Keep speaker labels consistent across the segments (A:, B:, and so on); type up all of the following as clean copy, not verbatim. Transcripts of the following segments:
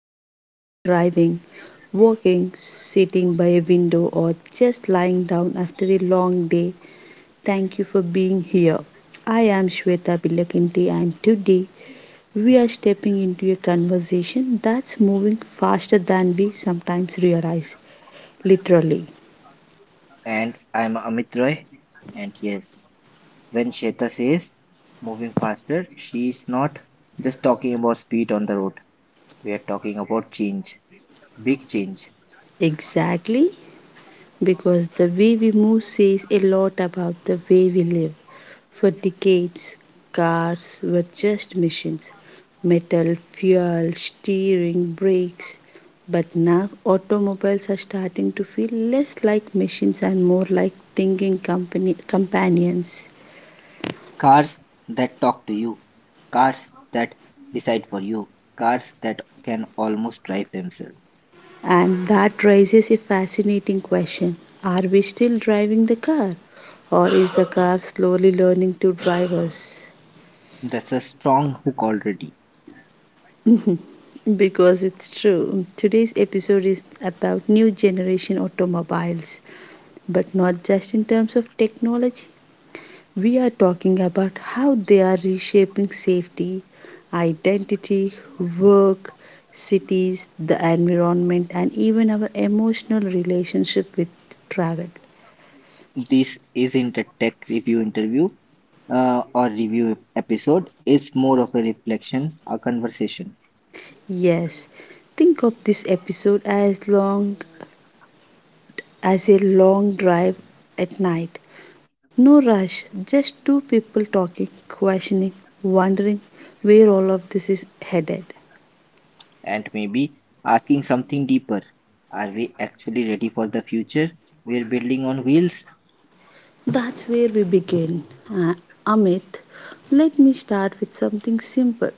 A: to this while driving, walking, sitting by a window, or just lying down after a long day, thank you for being here. I am Shweta Bilakinti, and today we are stepping into a conversation that's moving faster than we sometimes realize, literally.
B: And I'm Amit Roy. And yes, when Sheta says moving faster, she's not just talking about speed on the road. We are talking about change, big change.
A: Exactly, because the way we move says a lot about the way we live. For decades, cars were just machines, metal, fuel, steering, brakes. But now automobiles are starting to feel less like machines and more like thinking companions.
B: Cars that talk to you, cars that decide for you, cars that can almost drive themselves.
A: And that raises a fascinating question: are we still driving the car? Or is the car slowly learning to drive us?
B: That's a strong hook already.
A: Because it's true. Today's episode is about new generation automobiles, but not just in terms of technology. We are talking about how they are reshaping safety, identity, work, cities, the environment, and even our emotional relationship with travel.
B: This isn't a tech review interview or review episode. It's more of a reflection, a conversation,
A: Yes, think of this episode as long as a long drive at night. No rush, just two people talking, questioning, wondering where all of this is headed.
B: and maybe asking something deeper. Are we actually ready for the future we're building on wheels?
A: That's where we begin. Uh, Amit, let me start with something simple.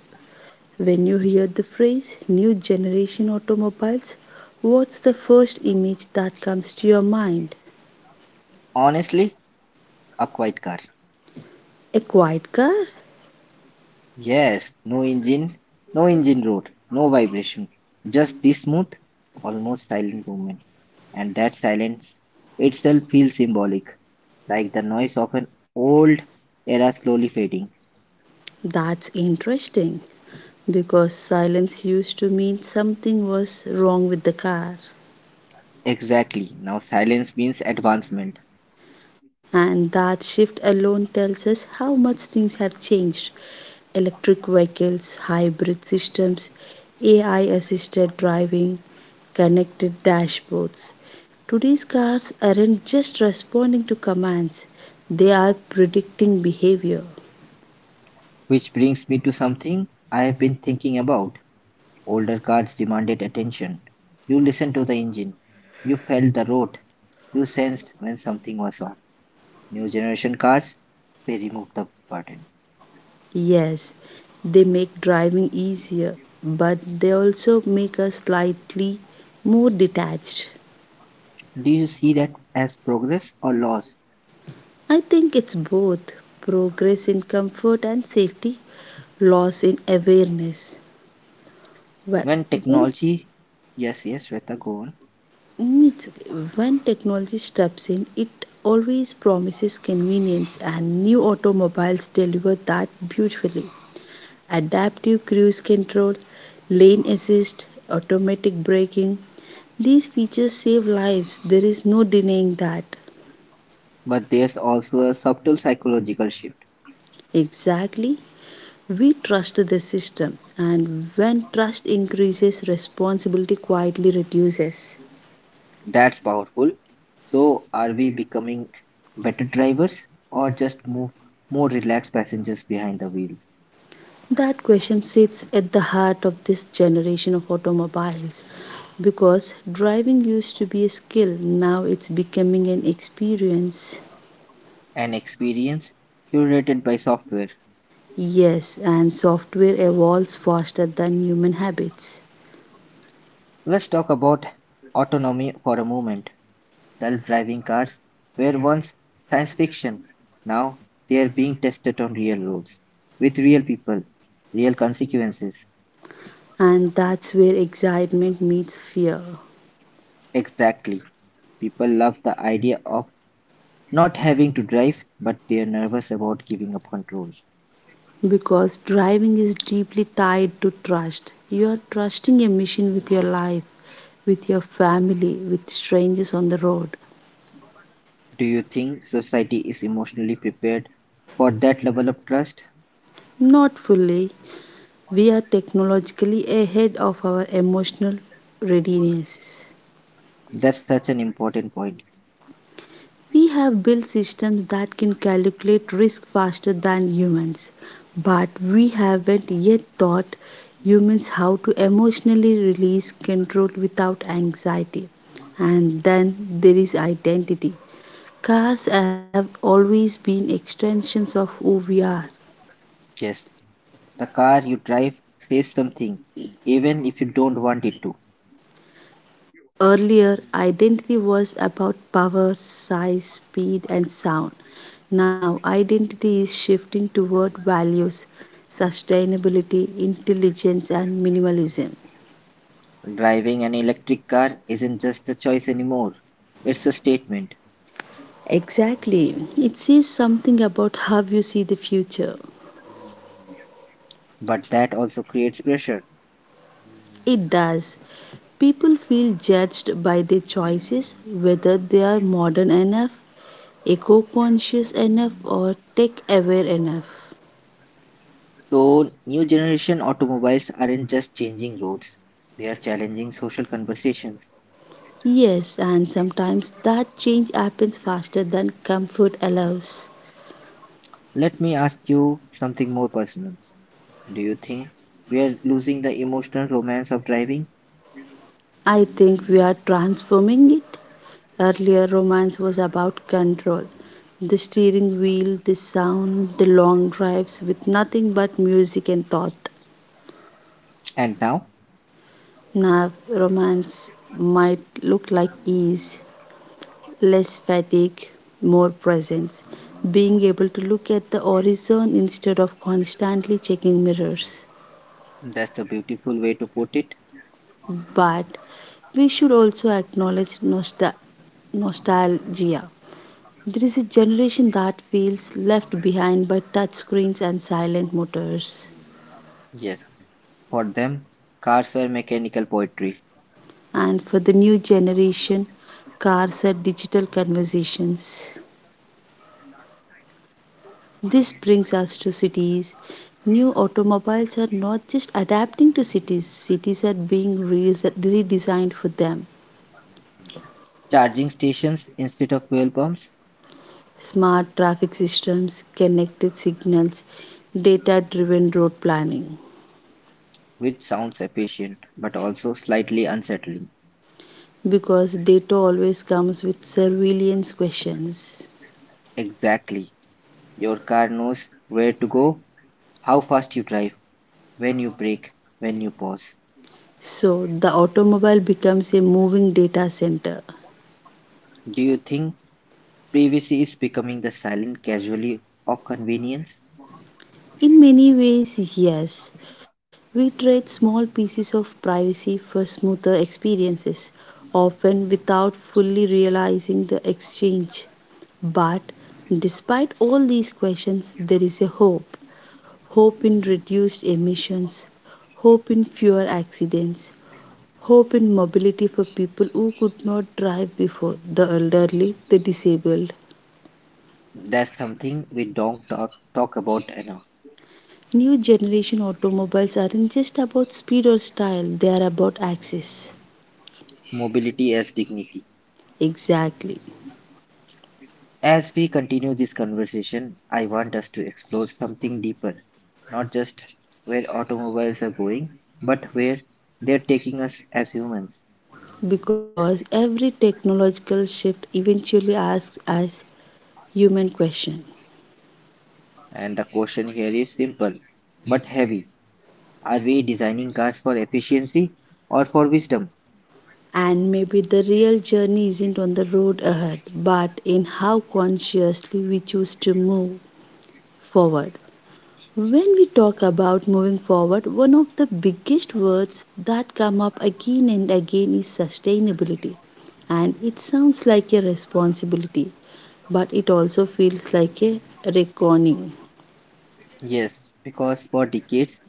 A: When you hear the phrase new generation automobiles, what's the first image that comes to your mind?
B: Honestly, a quiet car.
A: A quiet car?
B: Yes, no engine, no engine roar, no vibration, just this smooth, almost silent movement. And that silence itself feels symbolic, like the noise of an old era slowly fading.
A: That's interesting, because silence used to mean something was wrong with the car.
B: Exactly, now silence means advancement,
A: And that shift alone tells us how much things have changed. Electric vehicles, hybrid systems, AI assisted driving, connected dashboards. Today's cars aren't just responding to commands, they are predicting behavior.
B: which brings me to something I have been thinking about. Older cars demanded attention. You listened to the engine, you felt the road, you sensed when something was off. New generation cars, they remove the button.
A: Yes, they make driving easier, but they also make us slightly more detached.
B: Do you see that as progress or loss?
A: I think it's both, progress in comfort and safety, loss in awareness. Well,
B: When
A: when,
B: technology, yes, Shweta, go on.
A: mm, it's okay. When technology steps in, it always promises convenience, and new automobiles deliver that beautifully. Adaptive cruise control, lane assist, automatic braking. These features save lives, there is no denying that.
B: But there's also a subtle psychological shift.
A: Exactly, we trust the system, and when trust increases, responsibility quietly reduces.
B: That's powerful. So, are we becoming better drivers or just move more relaxed passengers behind the wheel?
A: That question sits at the heart of this generation of automobiles, because driving used to be a skill, now it's becoming an experience.
B: An experience curated by software.
A: Yes, and software evolves faster than human habits.
B: Let's talk about autonomy for a moment. Self-driving cars were once science fiction; now they're being tested on real roads, with real people, real consequences.
A: And that's where excitement meets fear.
B: Exactly. People love the idea of not having to drive, but they're nervous about giving up control.
A: Because driving is deeply tied to trust. You are trusting a mission with your life, with your family, with strangers on the road.
B: Do you think society is emotionally prepared for that level of trust?
A: Not fully, we are technologically ahead of our emotional readiness.
B: That's such an important point.
A: We have built systems that can calculate risk faster than humans, but we haven't yet taught humans how to emotionally release control without anxiety. And then there is identity. Cars have always been extensions of who we are.
B: Yes, the car you drive says something, even if you don't want it to.
A: Earlier, identity was about power, size, speed, and sound. Now, identity is shifting toward values, sustainability, intelligence, and minimalism.
B: Driving an electric car isn't just a choice anymore, it's a statement.
A: Exactly. It says something about how you see the future.
B: But that also creates pressure.
A: It does. People feel judged by their choices, whether they are modern enough, eco conscious enough, or tech aware enough.
B: So, new generation automobiles aren't just changing roads, they are challenging social conversations.
A: Yes, and sometimes that change happens faster than comfort allows.
B: Let me ask you something more personal. Do you think we are losing the emotional romance of driving?
A: I think we are transforming it. Earlier, romance was about control, the steering wheel, the sound, the long drives with nothing but music and thought.
B: And now?
A: Now, romance might look like ease, less fatigue, more presence, being able to look at the horizon instead of constantly checking mirrors.
B: That's a beautiful way to put it.
A: But we should also acknowledge nostalgia. There is a generation that feels left behind by touchscreens and silent motors.
B: Yes. For them, cars were mechanical poetry.
A: And for the new generation, cars are digital conversations. This brings us to cities. New automobiles are not just adapting to cities, cities are being redesigned for them.
B: Charging stations instead of fuel pumps,
A: Smart traffic systems, connected signals, data driven road planning.
B: which sounds efficient but also slightly unsettling.
A: Because data always comes with surveillance questions.
B: Exactly. Your car knows where to go, how fast you drive, when you brake, when you pause.
A: So the automobile becomes a moving data center.
B: Do you think privacy is becoming the silent casualty of convenience?
A: In many ways, yes. We trade small pieces of privacy for smoother experiences, often without fully realizing the exchange. But despite all these questions, there is a hope. Hope in reduced emissions, hope in fewer accidents, hope in mobility for people who could not drive before, the elderly, the disabled.
B: That's something we don't talk about enough.
A: New generation automobiles aren't just about speed or style, they are about access.
B: Mobility as dignity.
A: Exactly.
B: As we continue this conversation, I want us to explore something deeper, not just where automobiles are going, but where they're taking us as humans.
A: Because every technological shift eventually asks us human question.
B: And the question here is simple but heavy. Are we designing cars for efficiency or for wisdom?
A: And maybe the real journey isn't on the road ahead, but in how consciously we choose to move forward. When we talk about moving forward, one of the biggest words that come up again and again is sustainability. And it sounds like a responsibility, but it also feels like a reckoning.
B: Yes, because for decades,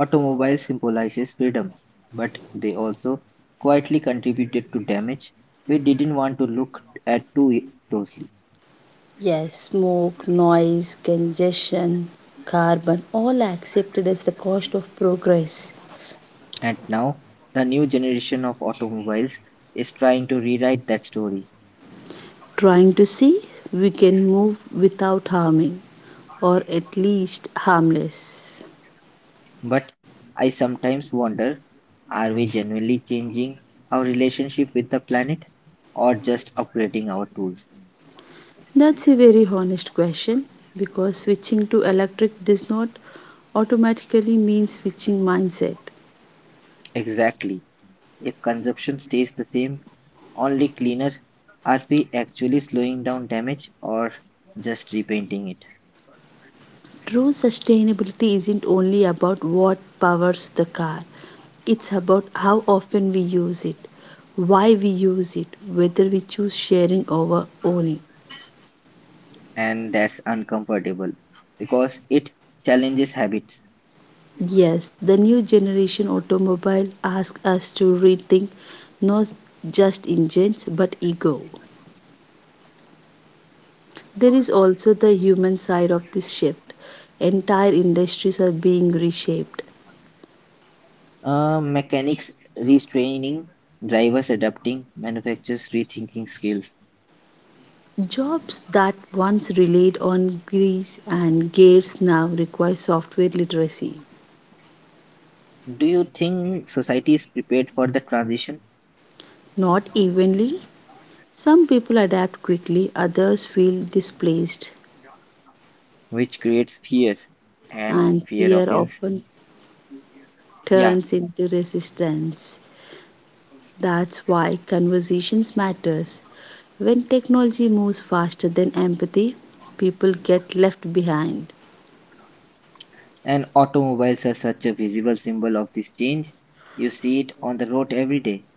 B: automobile symbolizes freedom, but they also quietly contributed to damage we didn't want to look at too closely.
A: Yes, smoke, noise, congestion, carbon, all are accepted as the cost of progress.
B: And now, the new generation of automobiles is trying to rewrite that story.
A: Trying to see we can move without harming, or at least harmless.
B: But I sometimes wonder are we genuinely changing our relationship with the planet or just upgrading our tools?
A: That's a very honest question, because switching to electric does not automatically mean switching mindset.
B: Exactly. If consumption stays the same, only cleaner, are we actually slowing down damage or just repainting it?
A: True sustainability isn't only about what powers the car, it's about how often we use it, why we use it, whether we choose sharing over owning.
B: And that's uncomfortable because it challenges habits.
A: Yes, the new generation automobile asks us to rethink not just engines but ego. There is also the human side of this shift. Entire industries are being reshaped.
B: Mechanics restraining, drivers adapting, manufacturers rethinking skills.
A: Jobs that once relied on grease and gears now require software literacy.
B: Do you think society is prepared for the transition,
A: Not evenly, some people adapt quickly, others feel displaced,
B: which creates fear and
A: and
B: fear
A: fear
B: offense?
A: often
B: Yeah,
A: turns into resistance. That's why conversations matters. When technology moves faster than empathy, people get left behind.
B: and automobiles are such a visible symbol of this change. You see it on the road every day.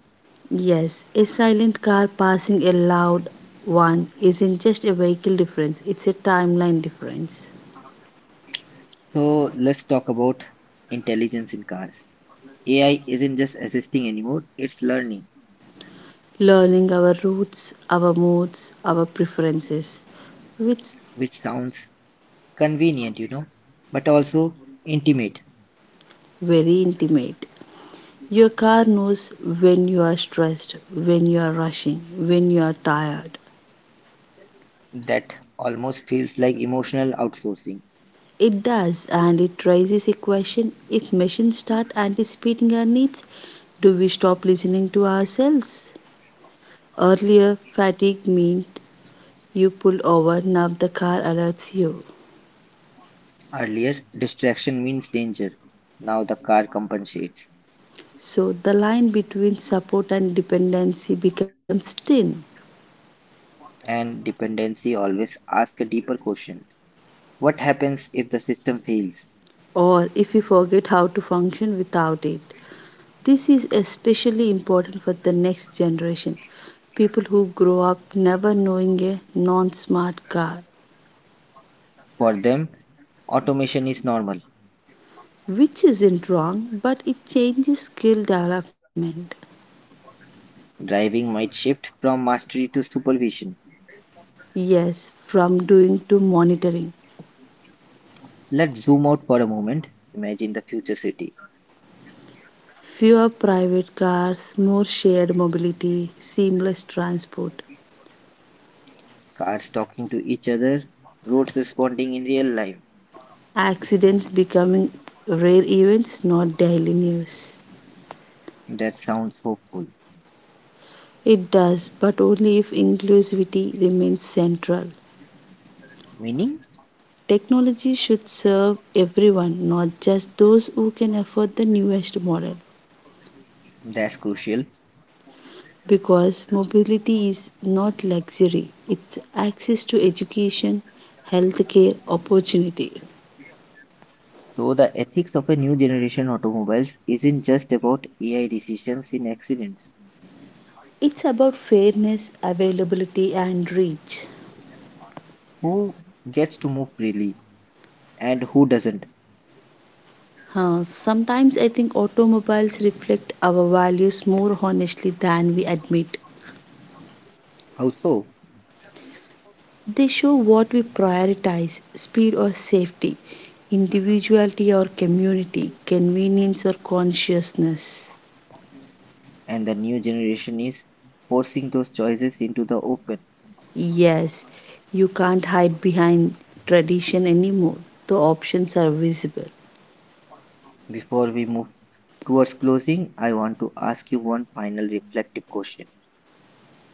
A: Yes, a silent car passing a loud one isn't just a vehicle difference, it's a timeline difference.
B: So let's talk about intelligence in cars. AI isn't just assisting anymore, it's learning,
A: Learning our roots, our moods, our preferences, which
B: which sounds convenient, you know, but also intimate.
A: very intimate. Your car knows when you are stressed, when you are rushing, when you are tired.
B: That almost feels like emotional outsourcing.
A: It does, and it raises a question: if machines start anticipating our needs, do we stop listening to ourselves? Earlier, fatigue meant you pull over, now the car alerts you.
B: Earlier, distraction means danger. Now the car compensates.
A: So the line between support and dependency becomes thin,
B: And dependency always asks a deeper question. What happens if the system fails?
A: or if you forget how to function without it. This is especially important for the next generation, people who grow up never knowing a non smart car,
B: For them, automation is normal.
A: which isn't wrong, but it changes skill development.
B: Driving might shift from mastery to supervision.
A: Yes, from doing to monitoring.
B: Let's zoom out for a moment. Imagine the future city.
A: Fewer private cars, more shared mobility, seamless transport.
B: Cars talking to each other, roads responding in real time.
A: Accidents becoming rare events, not daily news.
B: That sounds hopeful.
A: It does, but only if inclusivity remains central.
B: Meaning?
A: Technology should serve everyone, not just those who can afford the newest model.
B: That's crucial.
A: Because mobility is not luxury, it's access to education, healthcare, opportunity.
B: So the ethics of a new generation automobiles isn't just about AI decisions in accidents.
A: It's about fairness, availability, and reach.
B: Who gets to move freely and who doesn't?
A: Sometimes I think automobiles reflect our values more honestly than we admit.
B: How so?
A: They show what we prioritize: speed or safety, individuality or community, convenience or consciousness.
B: And the new generation is forcing those choices into the open.
A: Yes, you can't hide behind tradition anymore. The options are visible.
B: Before we move towards closing, I want to ask you one final reflective question.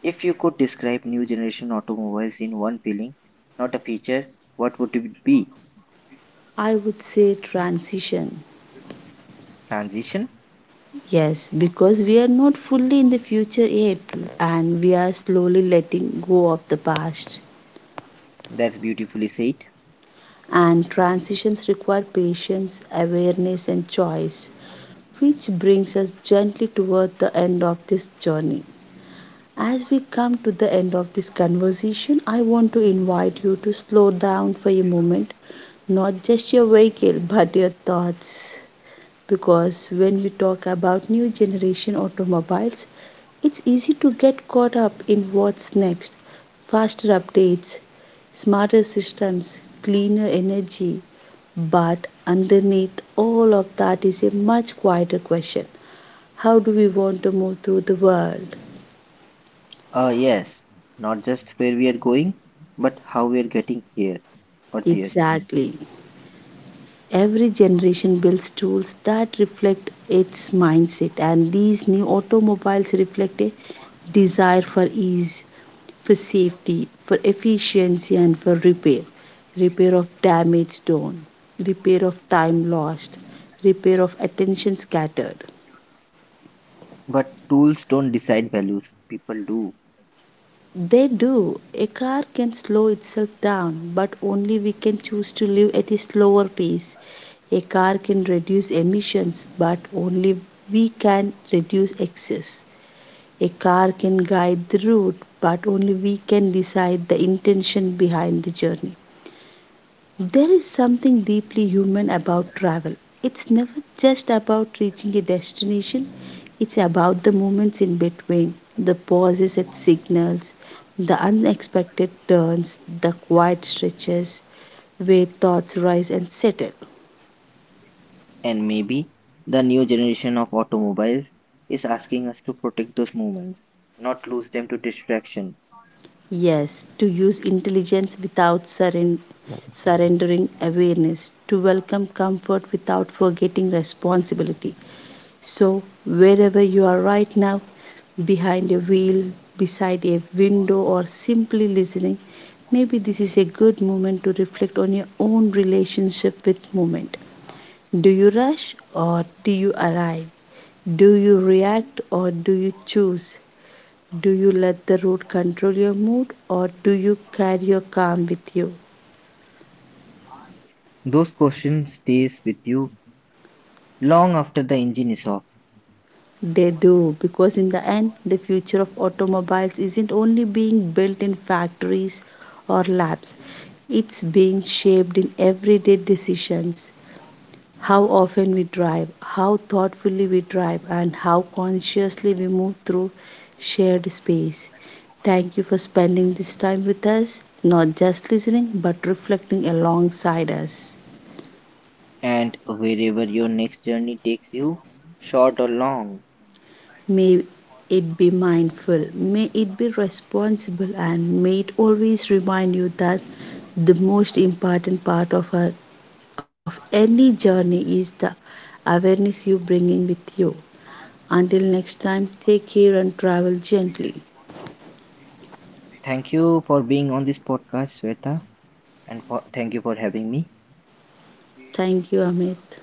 B: If you could describe new generation automobiles in one feeling, not a feature, what would it be?
A: I would say transition.
B: Transition?
A: Yes, because we are not fully in the future yet and we are slowly letting go of the past.
B: That's beautifully said.
A: And transitions require patience, awareness, and choice, which brings us gently toward the end of this journey. As we come to the end of this conversation, I want to invite you to slow down for a moment, not just your vehicle, but your thoughts, because when we talk about new generation automobiles, it's easy to get caught up in what's next, faster updates, smarter systems, cleaner energy, but underneath all of that is a much quieter question: how do we want to move through the world?
B: Ah, yes, not just where we are going, but how we are getting here or there.
A: Exactly, every generation builds tools that reflect its mindset, and these new automobiles reflect a desire for ease, for safety, for efficiency, and for repair. Repair of damage done, repair of time lost, repair of attention scattered.
B: But tools don't decide values, people do.
A: They do. A car can slow itself down, but only we can choose to live at a slower pace. A car can reduce emissions, but only we can reduce excess. A car can guide the route, but only we can decide the intention behind the journey. There is something deeply human about travel. It's never just about reaching a destination, it's about the moments in between, the pauses at signals, the unexpected turns, the quiet stretches where thoughts rise and settle.
B: And maybe the new generation of automobiles is asking us to protect those moments, not lose them to distraction.
A: Yes, to use intelligence without surrendering awareness, to welcome comfort without forgetting responsibility. So, wherever you are right now, behind a wheel, beside a window, or simply listening, maybe this is a good moment to reflect on your own relationship with movement. Do you rush or do you arrive? Do you react or do you choose? Do you let the road control your mood or do you carry your calm with you?
B: Those questions stays with you long after the engine is off
A: They do, because in the end, the future of automobiles isn't only being built in factories or labs, it's being shaped in everyday decisions. How often we drive, how thoughtfully we drive, and how consciously we move through shared space. Thank you for spending this time with us, not just listening, but reflecting alongside us.
B: and wherever your next journey takes you, short or long.
A: May it be mindful, may it be responsible, and may it always remind you that the most important part of any journey is the awareness you bring in with you. Until next time, take care and travel gently.
B: Thank you for being on this podcast, Sweta, and for, thank you for having me.
A: Thank you, Amit.